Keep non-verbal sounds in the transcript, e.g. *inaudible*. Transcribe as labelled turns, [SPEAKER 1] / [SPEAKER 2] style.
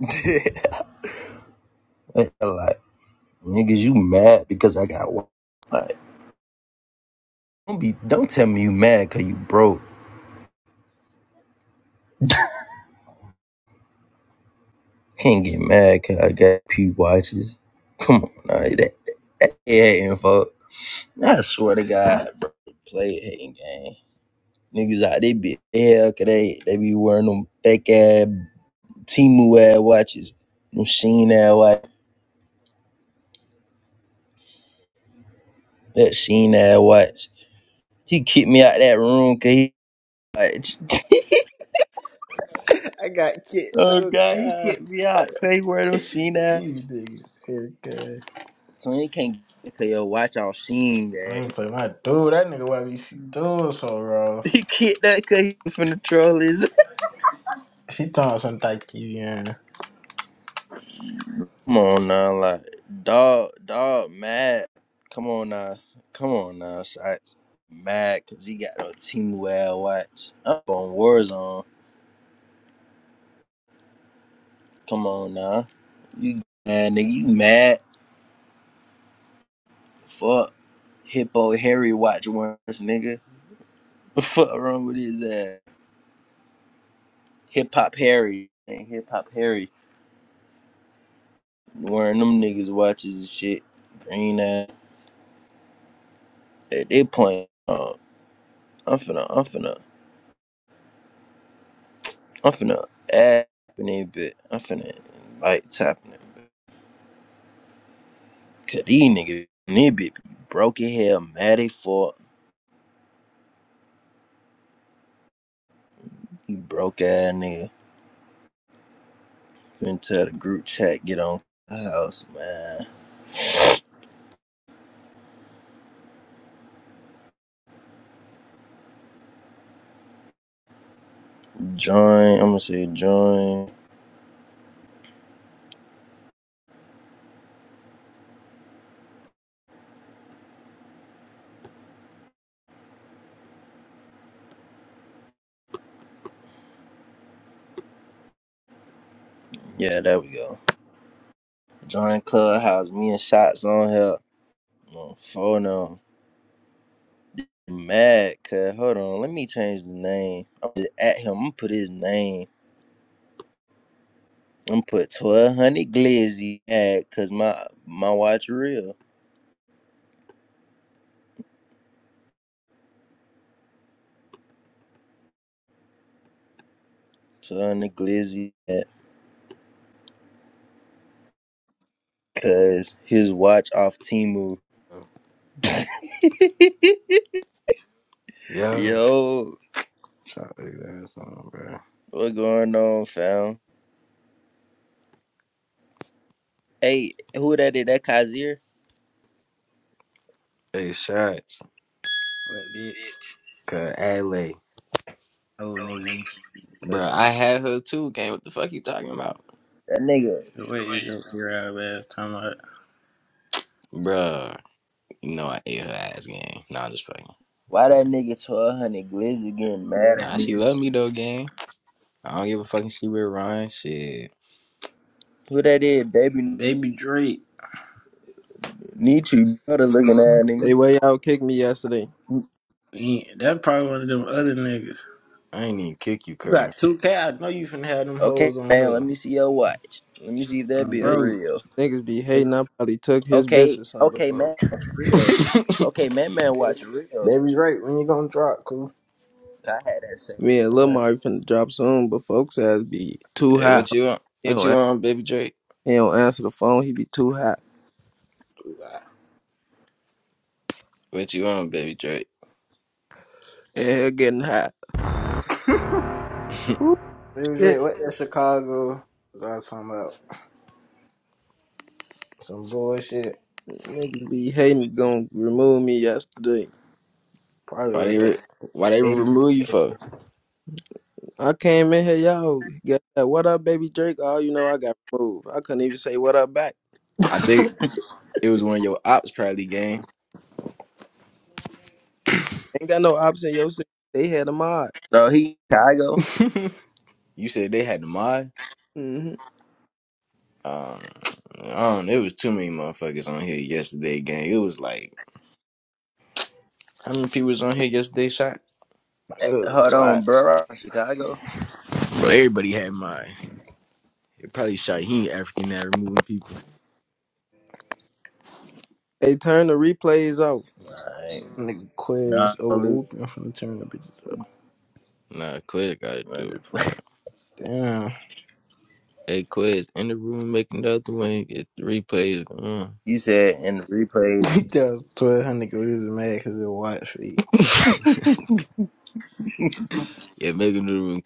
[SPEAKER 1] *laughs* Like Niggas, you mad because I got one. Like, don't be don't tell me you mad cause you broke. *laughs* Can't get mad cause I got P watches. Come on, all right, that hating fuck. I swear to God, bro, play a hating game. Niggas out they be hell cause they they be wearing them fake ass Timu ass watches. Them Sheen ass watch. That Sheen ass watch. He kicked me out that room cause he watch. *laughs*
[SPEAKER 2] I got kicked.
[SPEAKER 1] Oh
[SPEAKER 2] Oh
[SPEAKER 1] god, he
[SPEAKER 2] god,
[SPEAKER 1] kicked me out. Cause he wear them seen that.
[SPEAKER 2] these niggas. here,
[SPEAKER 1] So he can't get cause yo watch all seen
[SPEAKER 2] I
[SPEAKER 1] that.
[SPEAKER 2] ain't
[SPEAKER 1] *laughs*
[SPEAKER 2] play my dude. That nigga why we see dude so raw.
[SPEAKER 1] He kicked that cause he finna troll his
[SPEAKER 2] She throwing some type TV in. What
[SPEAKER 1] *laughs* Come on now, like dog dog mad. Come on now. Come on now, shots. Mad cause he got no team well watch. Up on Warzone. Come on now. You mad nigga, you mad. Fuck. Hippo Harry watch once nigga. *laughs* Fuck wrong with his ass. Hip hop Harry. ain't Hip hop Harry. Wearing them niggas watches and shit. Green ass. At that point, uh, I'm finna, I'm finna, I'm finna add in that bit. I'm finna like tapping it. Cause these niggas, in that bit be broke as hell, mad as fuck. He broke ass nigga. Finna tell the group chat, get on house, man. Join, I'm gonna say join. Yeah, there we go. Join Clubhouse. Me and Shots on here. On phone now. Mad, cuz hold on, let me change the name. I'm gonna at him. I'm gonna put his name. I'm gonna put twelve hundred glizzy at, cause my my watch real. Twelve hundred glizzy at, cause his watch off Timu. *laughs*
[SPEAKER 3] Yeah,
[SPEAKER 1] Yo,
[SPEAKER 3] shot his ass on, bro.
[SPEAKER 1] what going on, fam? Hey, who that is? That Kazir?
[SPEAKER 3] Hey, shots.
[SPEAKER 2] bitch?
[SPEAKER 3] Bitch. Cause Ale.
[SPEAKER 2] Oh
[SPEAKER 3] Oh,
[SPEAKER 2] nigga,
[SPEAKER 3] nigga. Bro, I
[SPEAKER 2] custom.
[SPEAKER 3] had her too, gang. What the fuck you talking about?
[SPEAKER 1] That nigga.
[SPEAKER 2] What is up here out ass talking about?
[SPEAKER 3] Bro, you know I ate her ass, gang. Nah, I'm just fucking.
[SPEAKER 1] Why that nigga twelve hundred glizzy getting mad at
[SPEAKER 3] Nah, she
[SPEAKER 1] me?
[SPEAKER 3] love me though, gang. I don't give a fucking shit with Ryan. Shit,
[SPEAKER 1] Who that is, baby?
[SPEAKER 2] Baby Drake.
[SPEAKER 1] Need you, brother, looking at
[SPEAKER 4] They
[SPEAKER 1] nigga.
[SPEAKER 4] way out kicked me yesterday.
[SPEAKER 2] Yeah, That probably one of them other niggas.
[SPEAKER 3] I ain't even kick you,
[SPEAKER 2] You
[SPEAKER 3] Carl.
[SPEAKER 2] got two K. I know you finna have them
[SPEAKER 1] Okay,
[SPEAKER 2] hoes on
[SPEAKER 1] man, let
[SPEAKER 2] her,
[SPEAKER 1] me see your watch. Let me see if that
[SPEAKER 2] um,
[SPEAKER 1] be
[SPEAKER 4] They
[SPEAKER 2] bro.
[SPEAKER 1] real.
[SPEAKER 4] niggas be hating. I probably took his
[SPEAKER 1] Okay,
[SPEAKER 4] bitch or something
[SPEAKER 1] okay,
[SPEAKER 4] before.
[SPEAKER 1] man, that's real.
[SPEAKER 3] *laughs*
[SPEAKER 1] Okay, man, man, watch real.
[SPEAKER 2] Baby Drake, when you gonna drop, cool?
[SPEAKER 1] I had that same
[SPEAKER 4] Me and Lil
[SPEAKER 1] one.
[SPEAKER 4] Mari finna drop soon, but folks ass be too
[SPEAKER 3] hey,
[SPEAKER 4] hot.
[SPEAKER 3] what you want?
[SPEAKER 4] He
[SPEAKER 3] What
[SPEAKER 4] don't,
[SPEAKER 3] you
[SPEAKER 4] an-
[SPEAKER 3] want, baby Drake?
[SPEAKER 4] he don't answer the phone. He be too hot.
[SPEAKER 3] What you want, baby Drake?
[SPEAKER 4] And he'll getting hot.
[SPEAKER 3] *laughs*
[SPEAKER 4] Whoop
[SPEAKER 2] Baby
[SPEAKER 4] shit.
[SPEAKER 2] Drake, what that Chicago? That's all I'm talking about. Some bullshit.
[SPEAKER 4] Niggas be hating. Gonna remove me yesterday.
[SPEAKER 2] Probably
[SPEAKER 3] why
[SPEAKER 2] was
[SPEAKER 3] they re-
[SPEAKER 2] that
[SPEAKER 3] why they
[SPEAKER 2] eight
[SPEAKER 3] remove you for?
[SPEAKER 4] I came in here, yo. Got that. What up, baby Drake? Oh, you know I got moved. I couldn't even say what up back.
[SPEAKER 3] I think it was one of your ops, probably, gang.
[SPEAKER 4] Ain't got no option. Yo, city. they had a mod.
[SPEAKER 1] So he Chicago.
[SPEAKER 2] *laughs*
[SPEAKER 3] You said they had the mod.
[SPEAKER 4] hmm
[SPEAKER 3] Um, um, there was too many motherfuckers on here yesterday, gang. It was like how many people was on here yesterday? Shot,
[SPEAKER 1] Eh,
[SPEAKER 2] uh,
[SPEAKER 1] Hold
[SPEAKER 2] lot
[SPEAKER 1] on, bro. Chicago.
[SPEAKER 3] bro. Everybody had mod. It probably shot. He ain't African at removing people.
[SPEAKER 4] They turned the replays off.
[SPEAKER 1] All right.
[SPEAKER 2] nigga
[SPEAKER 1] No,
[SPEAKER 2] quiz
[SPEAKER 1] I
[SPEAKER 2] over
[SPEAKER 1] lose.
[SPEAKER 2] whooping. I'm finna turn the bitches up.
[SPEAKER 3] Nah, Quiz gotta
[SPEAKER 1] *laughs* I'm
[SPEAKER 3] do it,
[SPEAKER 1] just
[SPEAKER 3] girl.
[SPEAKER 1] playing.
[SPEAKER 2] Damn.
[SPEAKER 3] Hey, Quiz in the room making the other one. Get the replays. going.
[SPEAKER 1] You said in the
[SPEAKER 2] *laughs*
[SPEAKER 1] replays.
[SPEAKER 2] that was twelve hundred nigga. We was mad because it was white feet.
[SPEAKER 3] *laughs* yeah, make him do the room.